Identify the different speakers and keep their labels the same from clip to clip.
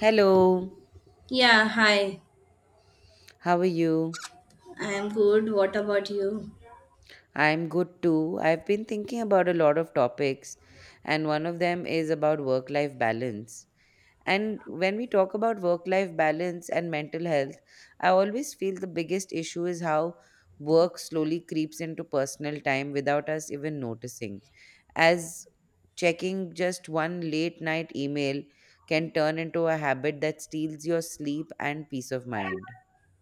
Speaker 1: Hello,
Speaker 2: Yeah, hi.
Speaker 1: how are you?
Speaker 2: I am good. What about you?
Speaker 1: I'm good too. I've been thinking about a lot of topics, and one of them is about work life balance. And when we talk about work life balance and mental health, I always feel the biggest issue is how work slowly creeps into personal time without us even noticing. As checking just one late night email can turn into a habit that steals your sleep and peace of mind.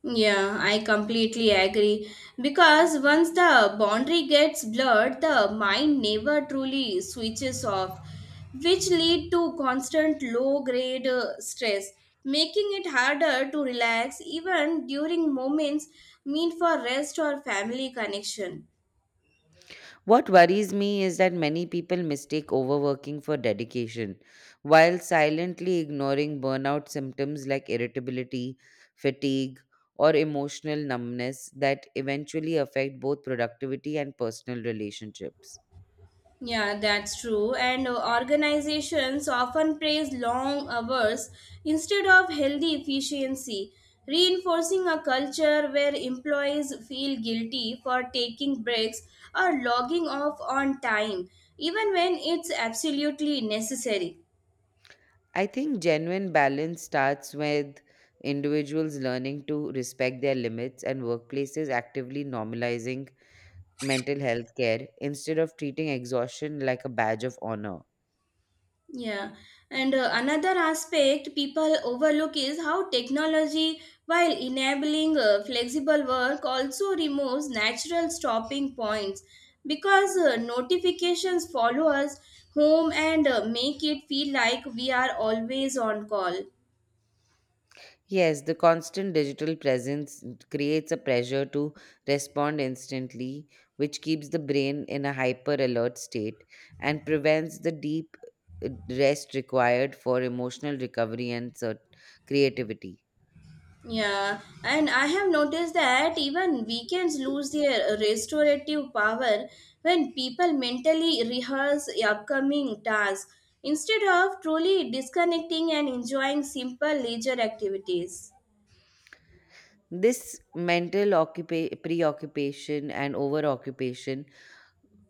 Speaker 2: Yeah, I completely agree. Because once the boundary gets blurred, the mind never truly switches off, which lead to constant low-grade stress, making it harder to relax even during moments meant for rest or family connection.
Speaker 1: What worries me is that many people mistake overworking for dedication, while silently ignoring burnout symptoms like irritability, fatigue, or emotional numbness that eventually affect both productivity and personal relationships.
Speaker 2: Yeah, that's true. And organizations often praise long hours instead of healthy efficiency, reinforcing a culture where employees feel guilty for taking breaks or logging off on time, even when it's absolutely necessary.
Speaker 1: I think genuine balance starts with individuals learning to respect their limits and workplaces actively normalizing mental health care instead of treating exhaustion like a badge of honor.
Speaker 2: Yeah, and another aspect people overlook is how technology, while enabling flexible work, also removes natural stopping points because notifications follow us home and make it feel like we are always on call.
Speaker 1: Yes, the constant digital presence creates a pressure to respond instantly, which keeps the brain in a hyper alert state and prevents the deep rest required for emotional recovery and creativity.
Speaker 2: Yeah, and I have noticed that even weekends lose their restorative power when people mentally rehearse upcoming tasks instead of truly disconnecting and enjoying simple leisure activities.
Speaker 1: This mental preoccupation and overoccupation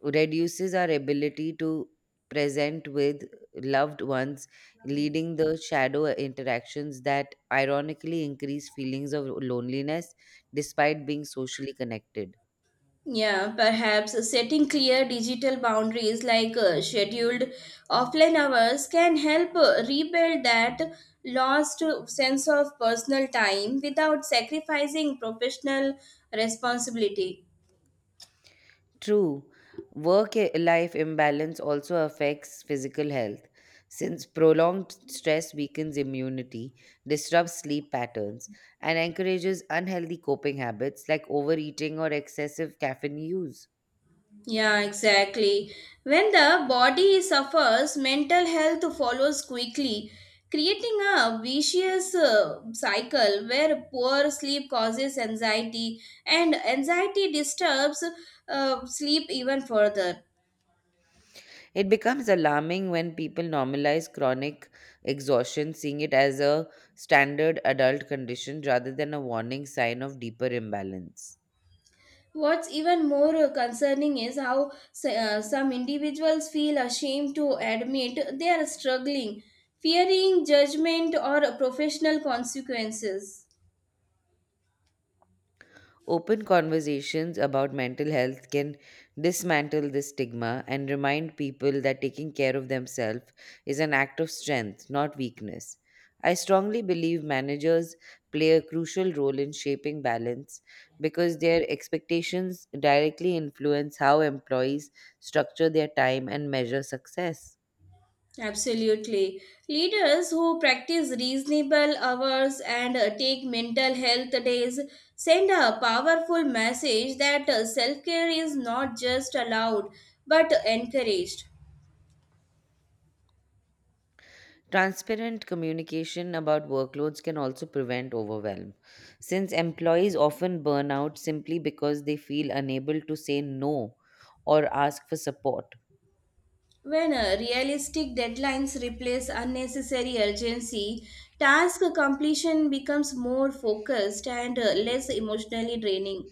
Speaker 1: reduces our ability to present with loved ones, leading the shadow interactions that ironically increase feelings of loneliness despite being socially connected.
Speaker 2: Yeah, perhaps setting clear digital boundaries like scheduled offline hours can help rebuild that lost sense of personal time without sacrificing professional responsibility.
Speaker 1: True, life imbalance also affects physical health since prolonged stress weakens immunity, disrupts sleep patterns, and encourages unhealthy coping habits like overeating or excessive caffeine use.
Speaker 2: Yeah, exactly. When the body suffers, mental health follows quickly, creating a vicious cycle where poor sleep causes anxiety and anxiety disturbs sleep even further.
Speaker 1: It becomes alarming when people normalize chronic exhaustion, seeing it as a standard adult condition rather than a warning sign of deeper imbalance.
Speaker 2: What's even more concerning is how some individuals feel ashamed to admit they are struggling, fearing judgment or professional consequences.
Speaker 1: Open conversations about mental health can dismantle this stigma and remind people that taking care of themselves is an act of strength, not weakness. I strongly believe managers play a crucial role in shaping balance because their expectations directly influence how employees structure their time and measure success.
Speaker 2: Absolutely. Leaders who practice reasonable hours and take mental health days send a powerful message that self care is not just allowed but encouraged.
Speaker 1: Transparent communication about workloads can also prevent overwhelm, since employees often burn out simply because they feel unable to say no or ask for support.
Speaker 2: When realistic deadlines replace unnecessary urgency, task completion becomes more focused and less emotionally draining.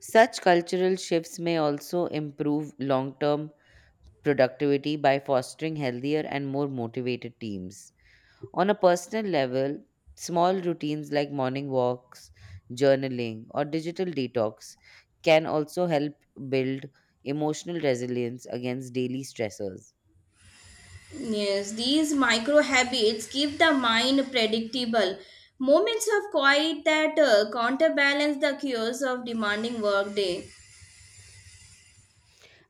Speaker 1: Such cultural shifts may also improve long term productivity by fostering healthier and more motivated teams. On a personal level, small routines like morning walks, journaling, or digital detox can also help build emotional resilience against daily stressors.
Speaker 2: Yes, these micro habits give the mind predictable moments of quiet that counterbalance the chaos of demanding workday.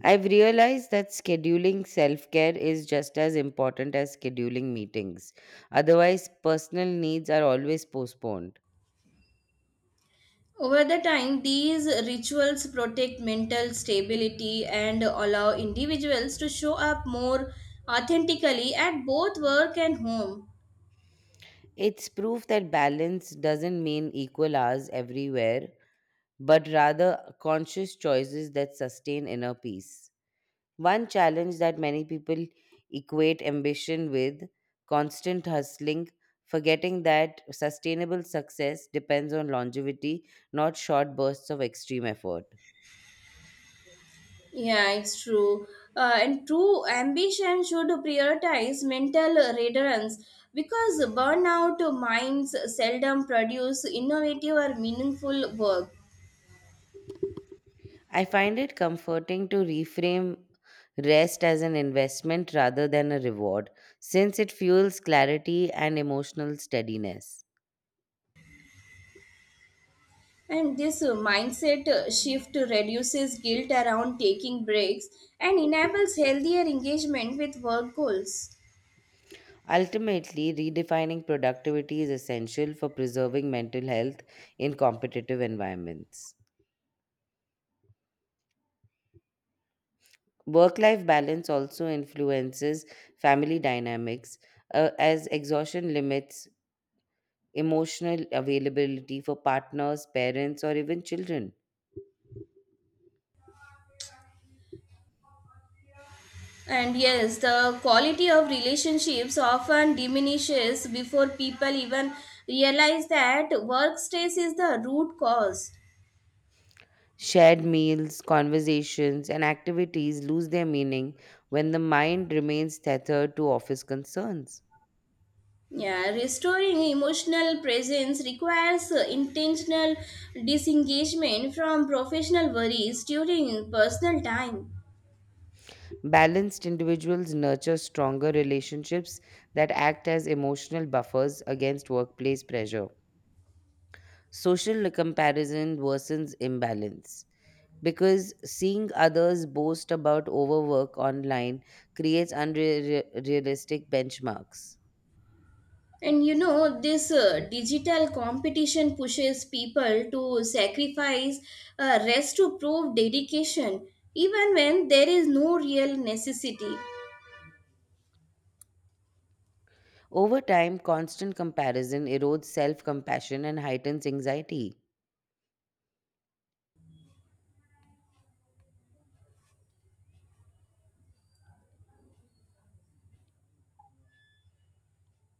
Speaker 1: I've realized that scheduling self care is just as important as scheduling meetings. Otherwise, personal needs are always postponed.
Speaker 2: Over the time, these rituals protect mental stability and allow individuals to show up more authentically at both work and home.
Speaker 1: It's proof that balance doesn't mean equal hours everywhere, but rather conscious choices that sustain inner peace. One challenge that many people equate ambition with constant hustling, forgetting that sustainable success depends on longevity, not short bursts of extreme effort.
Speaker 2: Yeah, it's true. And true ambition should prioritize mental readiness because burnout minds seldom produce innovative or meaningful work.
Speaker 1: I find it comforting to reframe rest as an investment rather than a reward, since it fuels clarity and emotional steadiness.
Speaker 2: And this mindset shift reduces guilt around taking breaks and enables healthier engagement with work goals.
Speaker 1: Ultimately, redefining productivity is essential for preserving mental health in competitive environments. Work life balance also influences family dynamics as exhaustion limits emotional availability for partners, parents, or even children.
Speaker 2: And yes, the quality of relationships often diminishes before people even realize that work stress is the root cause.
Speaker 1: Shared meals, conversations, and activities lose their meaning when the mind remains tethered to office concerns.
Speaker 2: Yeah, restoring emotional presence requires intentional disengagement from professional worries during personal time.
Speaker 1: Balanced individuals nurture stronger relationships that act as emotional buffers against workplace pressure. Social comparison worsens imbalance because seeing others boast about overwork online creates unrealistic benchmarks.
Speaker 2: And you know, this digital competition pushes people to sacrifice rest to prove dedication, even when there is no real necessity.
Speaker 1: Over time, constant comparison erodes self compassion and heightens anxiety.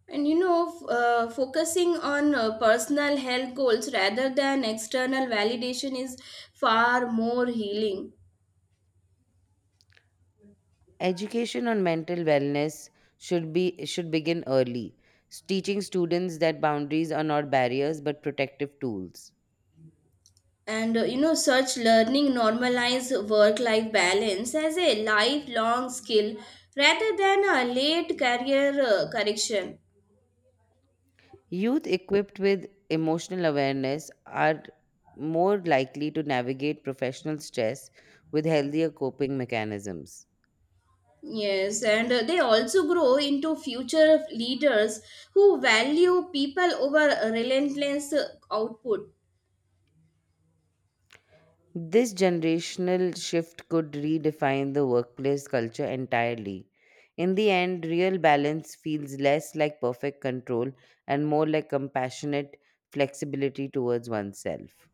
Speaker 2: And you know, focusing on personal health goals rather than external validation is far more healing.
Speaker 1: Education on mental wellness should begin early, teaching students that boundaries are not barriers but protective tools.
Speaker 2: And you know, such learning normalize work life balance as a lifelong skill rather than a late career correction.
Speaker 1: Youth equipped with emotional awareness are more likely to navigate professional stress with healthier coping mechanisms.
Speaker 2: Yes, and they also grow into future leaders who value people over relentless output.
Speaker 1: This generational shift could redefine the workplace culture entirely. In the end, real balance feels less like perfect control and more like compassionate flexibility towards oneself.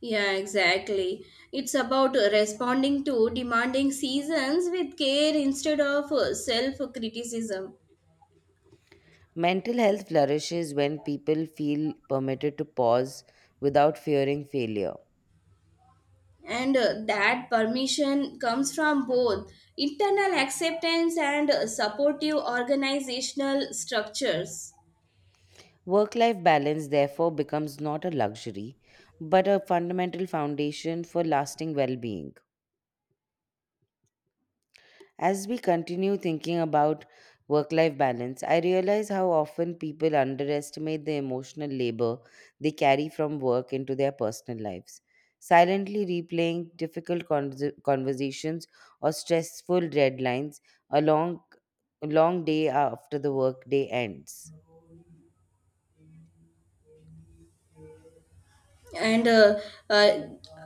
Speaker 2: Yeah, exactly. It's about responding to demanding seasons with care instead of self criticism.
Speaker 1: Mental health flourishes when people feel permitted to pause without fearing failure.
Speaker 2: And that permission comes from both internal acceptance and supportive organizational structures.
Speaker 1: Work life balance, therefore, becomes not a luxury, but a fundamental foundation for lasting well being. As we continue thinking about work life balance, I realize how often people underestimate the emotional labor they carry from work into their personal lives, silently replaying difficult conversations or stressful deadlines a long, long day after the workday ends.
Speaker 2: And uh,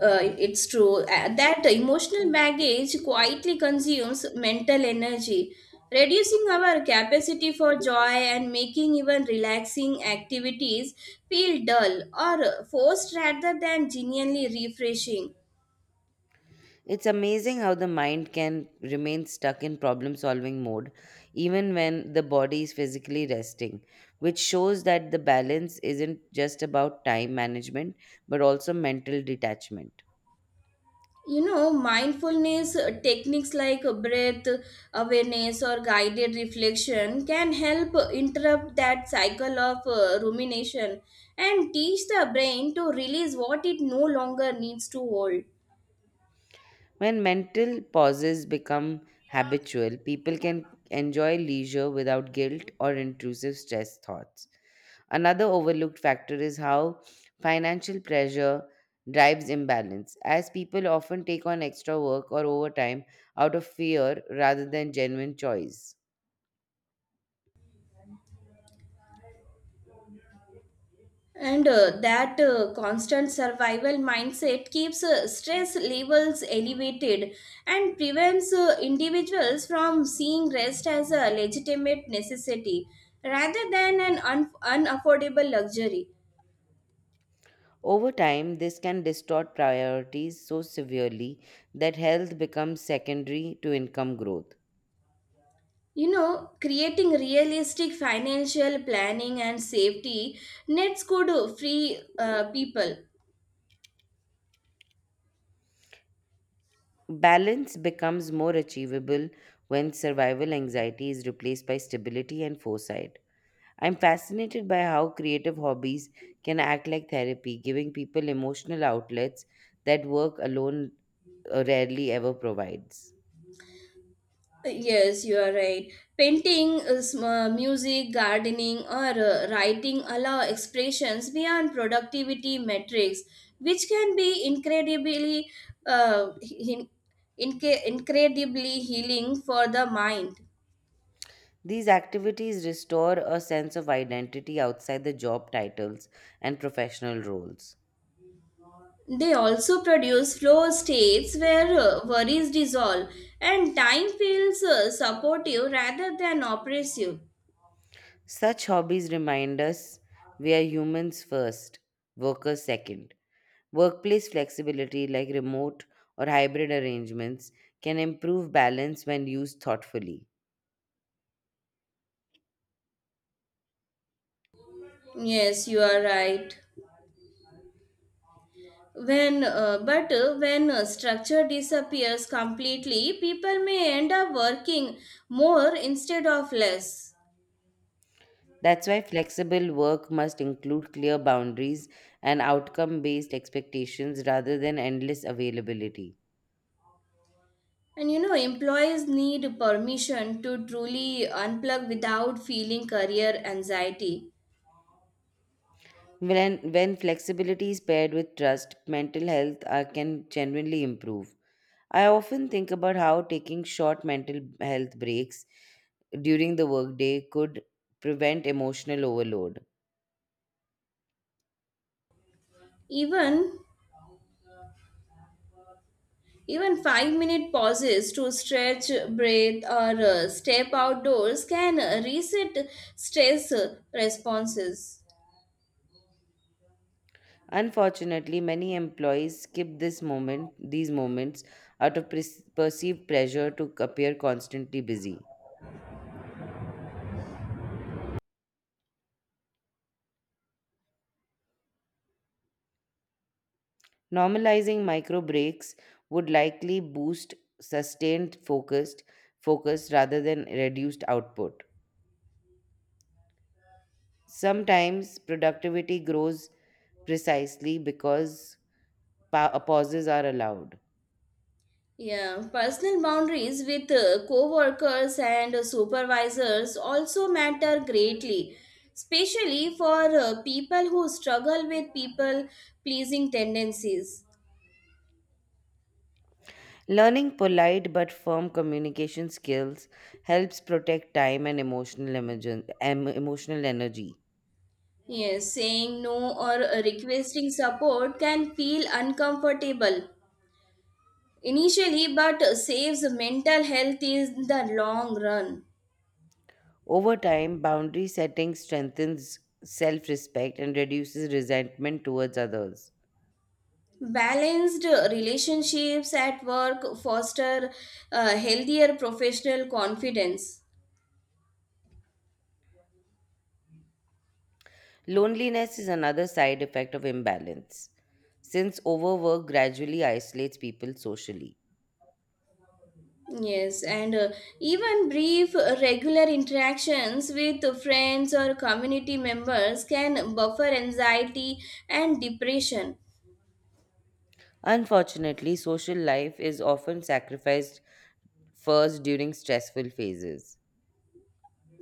Speaker 2: it's true that emotional baggage quietly consumes mental energy, reducing our capacity for joy and making even relaxing activities feel dull or forced rather than genuinely refreshing.
Speaker 1: It's amazing how the mind can remain stuck in problem solving mode even when the body is physically resting, which shows that the balance isn't just about time management but also mental detachment.
Speaker 2: You know, mindfulness techniques like breath awareness or guided reflection can help interrupt that cycle of rumination and teach the brain to release what it no longer needs to hold.
Speaker 1: When mental pauses become habitual, people can enjoy leisure without guilt or intrusive stress thoughts. Another overlooked factor is how financial pressure drives imbalance, as people often take on extra work or overtime out of fear rather than genuine choice.
Speaker 2: And that constant survival mindset keeps stress levels elevated and prevents individuals from seeing rest as a legitimate necessity rather than an unaffordable luxury.
Speaker 1: Over time, this can distort priorities so severely that health becomes secondary to income growth.
Speaker 2: You know, creating realistic financial planning and safety nets could free people.
Speaker 1: Balance becomes more achievable when survival anxiety is replaced by stability and foresight. I'm fascinated by how creative hobbies can act like therapy, giving people emotional outlets that work alone rarely ever provides.
Speaker 2: Yes, you are right. Painting, music, gardening, or writing allow expressions beyond productivity metrics, which can be uh, in- incredibly healing for the mind.
Speaker 1: These activities restore a sense of identity outside the job titles and professional roles.
Speaker 2: They also produce flow states where worries dissolve and time feels supportive rather than oppressive.
Speaker 1: Such hobbies remind us we are humans first, workers second. Workplace flexibility, like remote or hybrid arrangements, can improve balance when used thoughtfully.
Speaker 2: Yes, you are right. When structure disappears completely, people may end up working more instead of less.
Speaker 1: That's why flexible work must include clear boundaries and outcome based expectations rather than endless availability.
Speaker 2: And you know, employees need permission to truly unplug without feeling career anxiety.
Speaker 1: When flexibility is paired with trust, mental health can genuinely improve. I often think about how taking short mental health breaks during the workday could prevent emotional overload.
Speaker 2: Even Even 5-minute pauses to stretch, breathe, or step outdoors can reset stress responses.
Speaker 1: Unfortunately, many employees skip these moments out of perceived pressure to appear constantly busy. Normalizing micro breaks would likely boost sustained focus rather than reduced output. Sometimes productivity grows precisely because pauses are allowed.
Speaker 2: Yeah, personal boundaries with co-workers and supervisors also matter greatly, especially for people who struggle with people pleasing tendencies.
Speaker 1: Learning polite but firm communication skills helps protect time and emotional energy.
Speaker 2: Yes, saying no or requesting support can feel uncomfortable initially, but saves mental health in the long run.
Speaker 1: Over time, boundary setting strengthens self-respect and reduces resentment towards others.
Speaker 2: Balanced relationships at work foster healthier professional confidence.
Speaker 1: Loneliness is another side effect of imbalance, since overwork gradually isolates people socially.
Speaker 2: Yes, and even brief regular interactions with friends or community members can buffer anxiety and depression.
Speaker 1: Unfortunately, social life is often sacrificed first during stressful phases.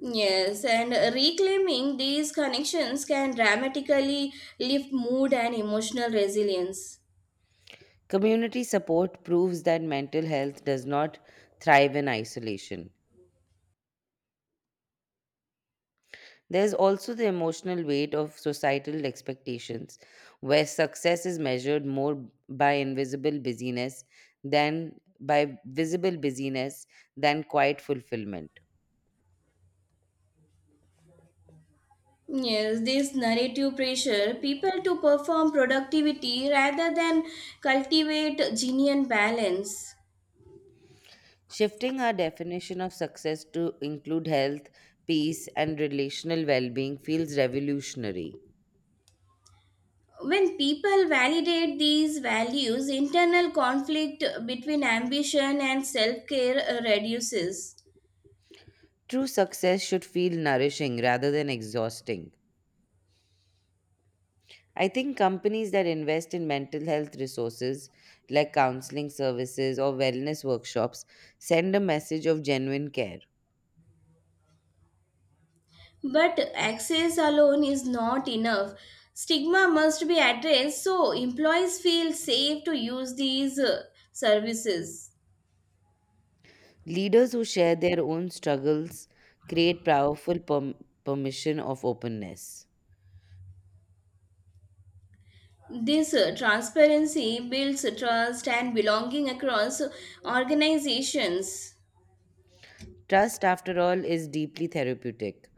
Speaker 2: Yes, and reclaiming these connections can dramatically lift mood and emotional resilience.
Speaker 1: Community support proves that mental health does not thrive in isolation. There's also the emotional weight of societal expectations, where success is measured more by invisible busyness than by visible busyness than quiet fulfillment.
Speaker 2: Yes, this narrative pressure, people to perform productivity rather than cultivate genuine balance.
Speaker 1: Shifting our definition of success to include health, peace, and relational well being feels revolutionary.
Speaker 2: When people validate these values, internal conflict between ambition and self care reduces.
Speaker 1: True success should feel nourishing rather than exhausting. I think companies that invest in mental health resources like counseling services or wellness workshops send a message of genuine care.
Speaker 2: But access alone is not enough. Stigma must be addressed so employees feel safe to use these services.
Speaker 1: Leaders who share their own struggles create powerful permission of openness.
Speaker 2: This transparency builds trust and belonging across organizations,
Speaker 1: Trust, after all, is deeply therapeutic.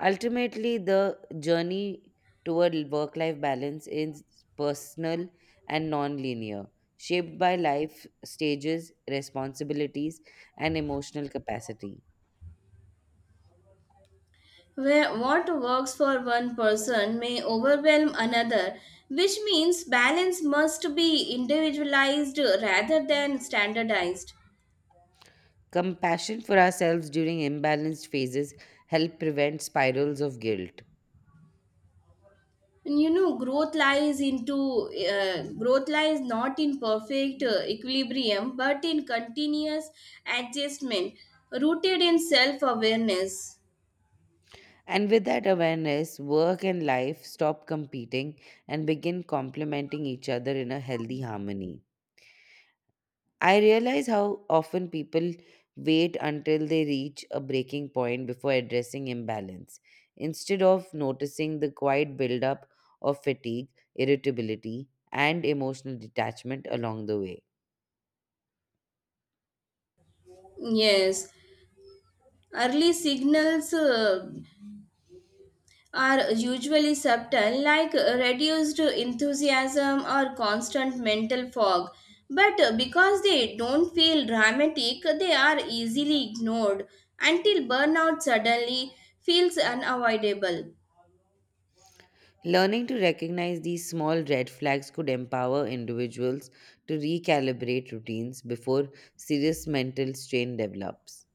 Speaker 1: Ultimately, the journey toward work life balance is personal and non linear, shaped by life stages, responsibilities, and emotional capacity.
Speaker 2: where what works for one person may overwhelm another, which means balance must be individualized rather than standardized.
Speaker 1: Compassion for ourselves during imbalanced phases help prevent spirals of guilt.
Speaker 2: You know, growth lies not in perfect equilibrium, but in continuous adjustment, rooted in self-awareness.
Speaker 1: And with that awareness, work and life stop competing and begin complementing each other in a healthy harmony. I realize how often people wait until they reach a breaking point before addressing imbalance. Instead of noticing the quiet buildup of fatigue, irritability, and emotional detachment along the way.
Speaker 2: Yes, early signals are usually subtle, like reduced enthusiasm or constant mental fog. But because they don't feel dramatic, they are easily ignored until burnout suddenly feels unavoidable.
Speaker 1: Learning to recognize these small red flags could empower individuals to recalibrate routines before serious mental strain develops.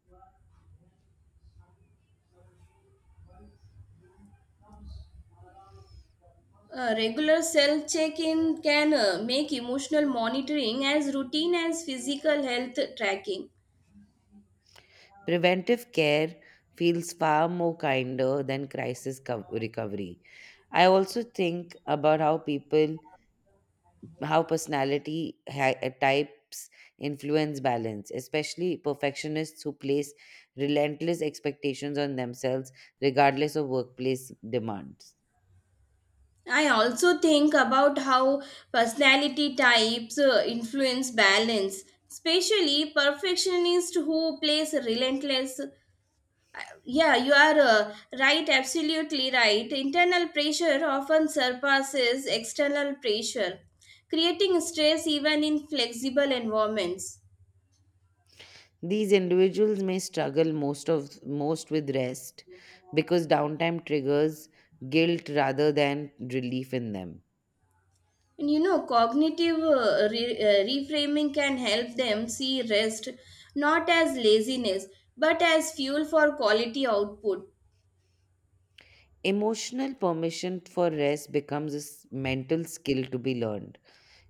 Speaker 2: A regular self check in can make emotional monitoring as routine as physical health tracking.
Speaker 1: Preventive care feels far more kinder than crisis recovery. I also think about how personality types influence balance, especially perfectionists who place relentless expectations on themselves regardless of workplace demands.
Speaker 2: I also think about how personality types influence balance, especially perfectionists who plays relentless. Yeah, you are right, absolutely right. Internal pressure often surpasses external pressure, creating stress even in flexible environments.
Speaker 1: These individuals may struggle most with rest because downtime triggers guilt rather than relief in them.
Speaker 2: And you know, cognitive reframing can help them see rest not as laziness but as fuel for quality output.
Speaker 1: Emotional permission for rest becomes a mental skill to be learned.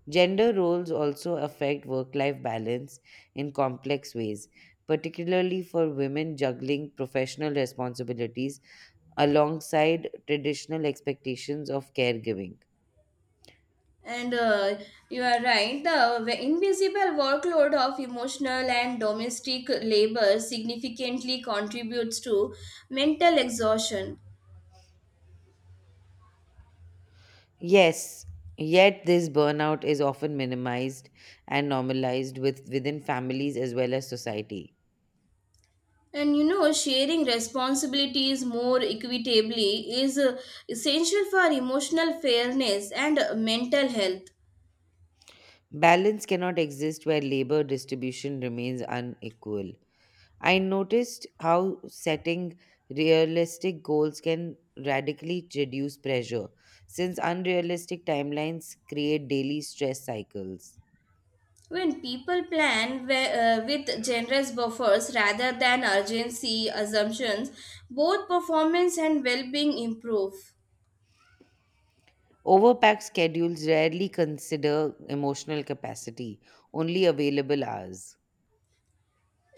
Speaker 1: Gender roles also affect work life balance in complex ways, particularly for women juggling professional responsibilities alongside traditional expectations of caregiving.
Speaker 2: And you are right, the invisible workload of emotional and domestic labor significantly contributes to mental exhaustion.
Speaker 1: Yes, yet this burnout is often minimized and normalized within families as well as society.
Speaker 2: And you know, sharing responsibilities more equitably is essential for emotional fairness and mental health.
Speaker 1: Balance cannot exist where labor distribution remains unequal. I noticed how setting realistic goals can radically reduce pressure, since unrealistic timelines create daily stress cycles.
Speaker 2: When people plan with generous buffers rather than urgency assumptions, both performance and well being improve.
Speaker 1: Overpacked schedules rarely consider emotional capacity, only available hours.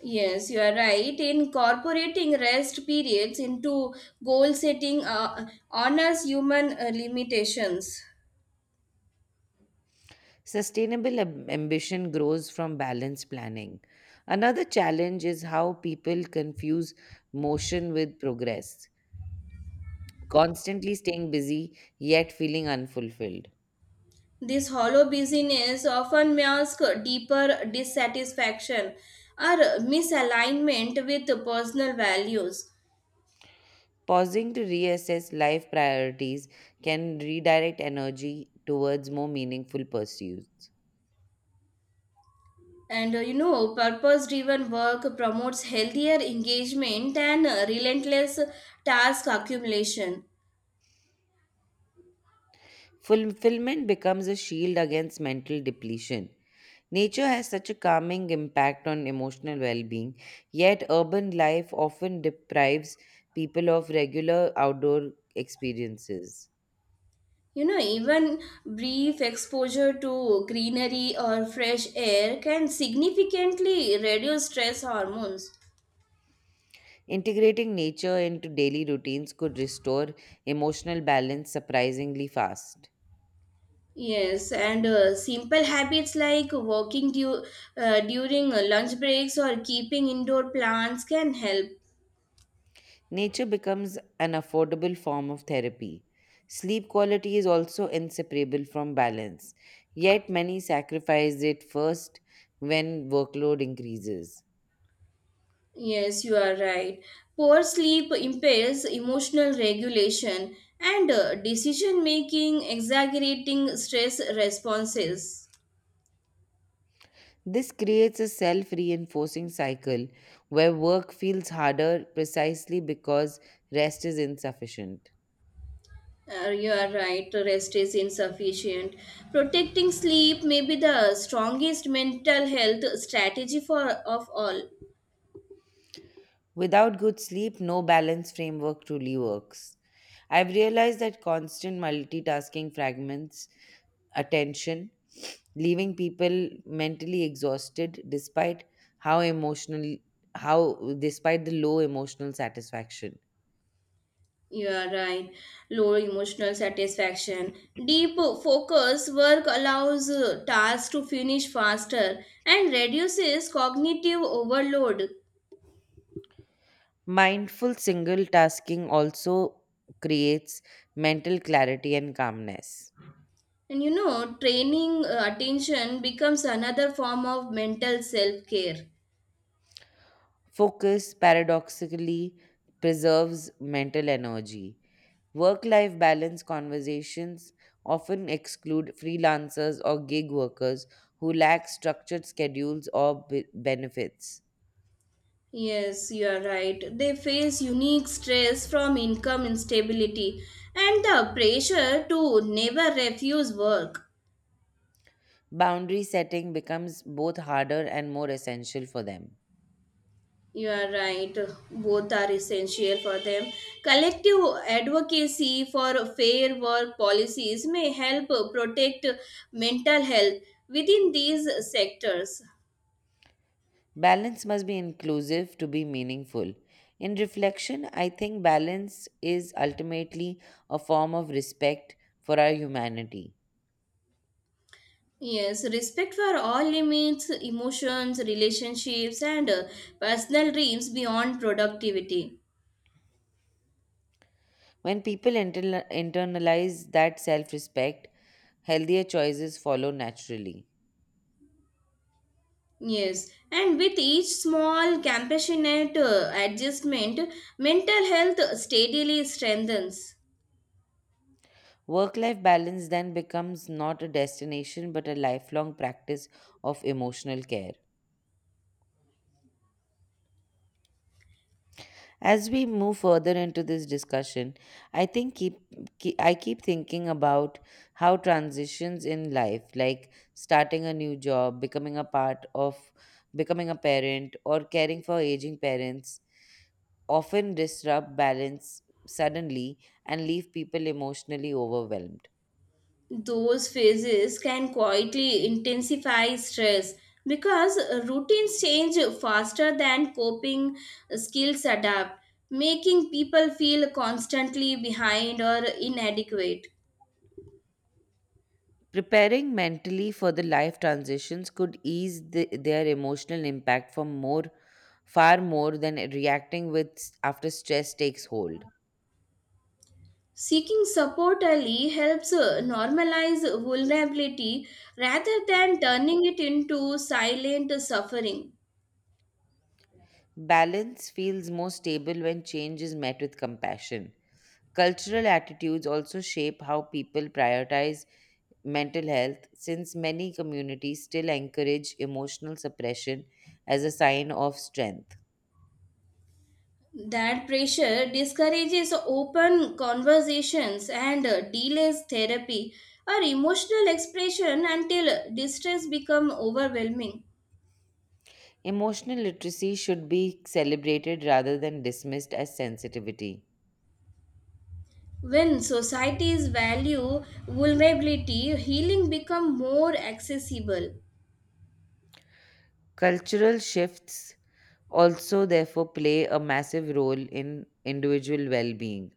Speaker 2: Yes, you are right. Incorporating rest periods into goal setting honors human limitations.
Speaker 1: Sustainable ambition grows from balanced planning. Another challenge is how people confuse motion with progress, constantly staying busy yet feeling unfulfilled.
Speaker 2: This hollow busyness often masks deeper dissatisfaction or misalignment with personal values.
Speaker 1: Pausing to reassess life priorities can redirect energy towards more meaningful pursuits.
Speaker 2: And you know, purpose driven work promotes healthier engagement and relentless task accumulation.
Speaker 1: Fulfillment becomes a shield against mental depletion. Nature has such a calming impact on emotional well being, yet, urban life often deprives people of regular outdoor experiences.
Speaker 2: You know, even brief exposure to greenery or fresh air can significantly reduce stress hormones.
Speaker 1: Integrating nature into daily routines could restore emotional balance surprisingly fast.
Speaker 2: Yes, and simple habits like walking during lunch breaks or keeping indoor plants can help.
Speaker 1: Nature becomes an affordable form of therapy. Sleep quality is also inseparable from balance, yet, many sacrifice it first when workload increases.
Speaker 2: Yes, you are right. Poor sleep impairs emotional regulation and decision making, exaggerating stress responses.
Speaker 1: This creates a self reinforcing cycle where work feels harder precisely because rest is insufficient.
Speaker 2: You are right, rest is insufficient. Protecting sleep may be the strongest mental health strategy for of all.
Speaker 1: Without good sleep, no balance framework truly works. I've realized that constant multitasking fragments attention, leaving people mentally exhausted how emotional despite the low emotional satisfaction.
Speaker 2: You are right. Low emotional satisfaction. Deep focus work allows tasks to finish faster and reduces cognitive overload.
Speaker 1: Mindful single tasking also creates mental clarity and calmness.
Speaker 2: And you know, training attention becomes another form of mental self care.
Speaker 1: Focus paradoxically preserves mental energy. Work life balance conversations often exclude freelancers or gig workers who lack structured schedules or benefits.
Speaker 2: Yes, you are right. They face unique stress from income instability and the pressure to never refuse work.
Speaker 1: Boundary setting becomes both harder and more essential for them.
Speaker 2: You are right. Both are essential for them. Collective advocacy for fair work policies may help protect mental health within these sectors.
Speaker 1: Balance must be inclusive to be meaningful. In reflection, I think balance is ultimately a form of respect for our humanity.
Speaker 2: Yes, respect for all limits, emotions, relationships, and personal dreams beyond productivity.
Speaker 1: When people internalize that self respect, healthier choices follow naturally.
Speaker 2: Yes, and with each small compassionate adjustment, mental health steadily strengthens.
Speaker 1: Work life balance then becomes not a destination but a lifelong practice of emotional care. As we move further into this discussion, I think keep, I keep thinking about how transitions in life, like starting a new job, becoming a parent or caring for aging parents often disrupt balance suddenly and leave people emotionally overwhelmed.
Speaker 2: Those phases can quietly intensify stress because routines change faster than coping skills adapt, making people feel constantly behind or inadequate.
Speaker 1: Preparing mentally for the life transitions could ease their emotional impact for more far more than reacting with after stress takes hold.
Speaker 2: Seeking support early helps normalize vulnerability rather than turning it into silent suffering.
Speaker 1: Balance feels more stable when change is met with compassion. Cultural attitudes also shape how people prioritize mental health, since many communities still encourage emotional suppression as a sign of strength.
Speaker 2: That pressure discourages open conversations and delays therapy or emotional expression until distress becomes overwhelming.
Speaker 1: Emotional literacy should be celebrated rather than dismissed as sensitivity.
Speaker 2: When societies value vulnerability, healing become more accessible.
Speaker 1: Cultural shifts also, therefore, play a massive role in individual well being.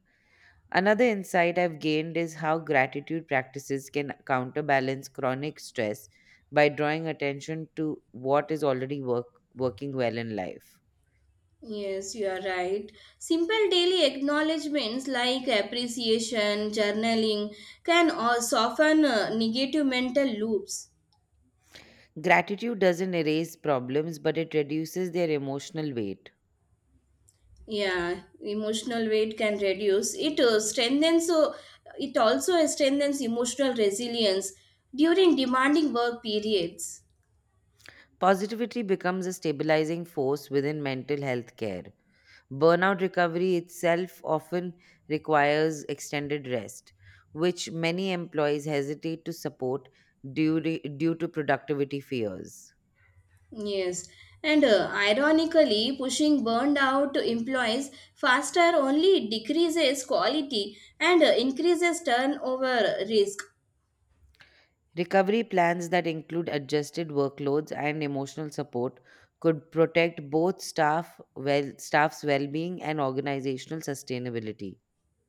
Speaker 1: Another insight I've gained is how gratitude practices can counterbalance chronic stress by drawing attention to what is working well in life.
Speaker 2: Yes, you are right. Simple daily acknowledgements like appreciation, journaling can soften negative mental loops.
Speaker 1: Gratitude doesn't erase problems, but it reduces their emotional weight.
Speaker 2: Yeah, emotional weight can reduce. It it also strengthens emotional resilience during demanding work periods.
Speaker 1: Positivity becomes a stabilizing force within mental health care. Burnout recovery itself often requires extended rest, which many employees hesitate to support due, due to productivity fears.
Speaker 2: Yes, and ironically, pushing burned out employees faster only decreases quality and increases turnover risk.
Speaker 1: Recovery plans that include adjusted workloads and emotional support could protect both staff's well-being and organizational sustainability.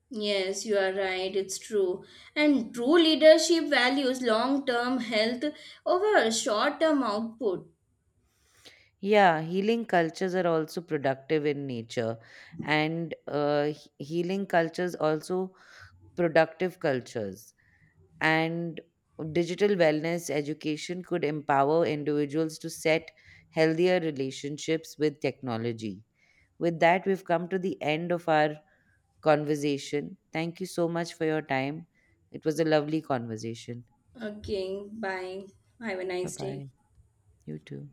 Speaker 2: Yes, you are right, it's true. And true leadership values long term health over short term output.
Speaker 1: Yeah, healing cultures are also productive in nature, and healing cultures also productive cultures. And digital wellness education could empower individuals to set healthier relationships with technology. With that, we've come to the end of our conversation. Thank you so much for your time. It was a lovely conversation.
Speaker 2: Okay, bye. Have a
Speaker 1: Bye
Speaker 2: nice day.
Speaker 1: bye. You too.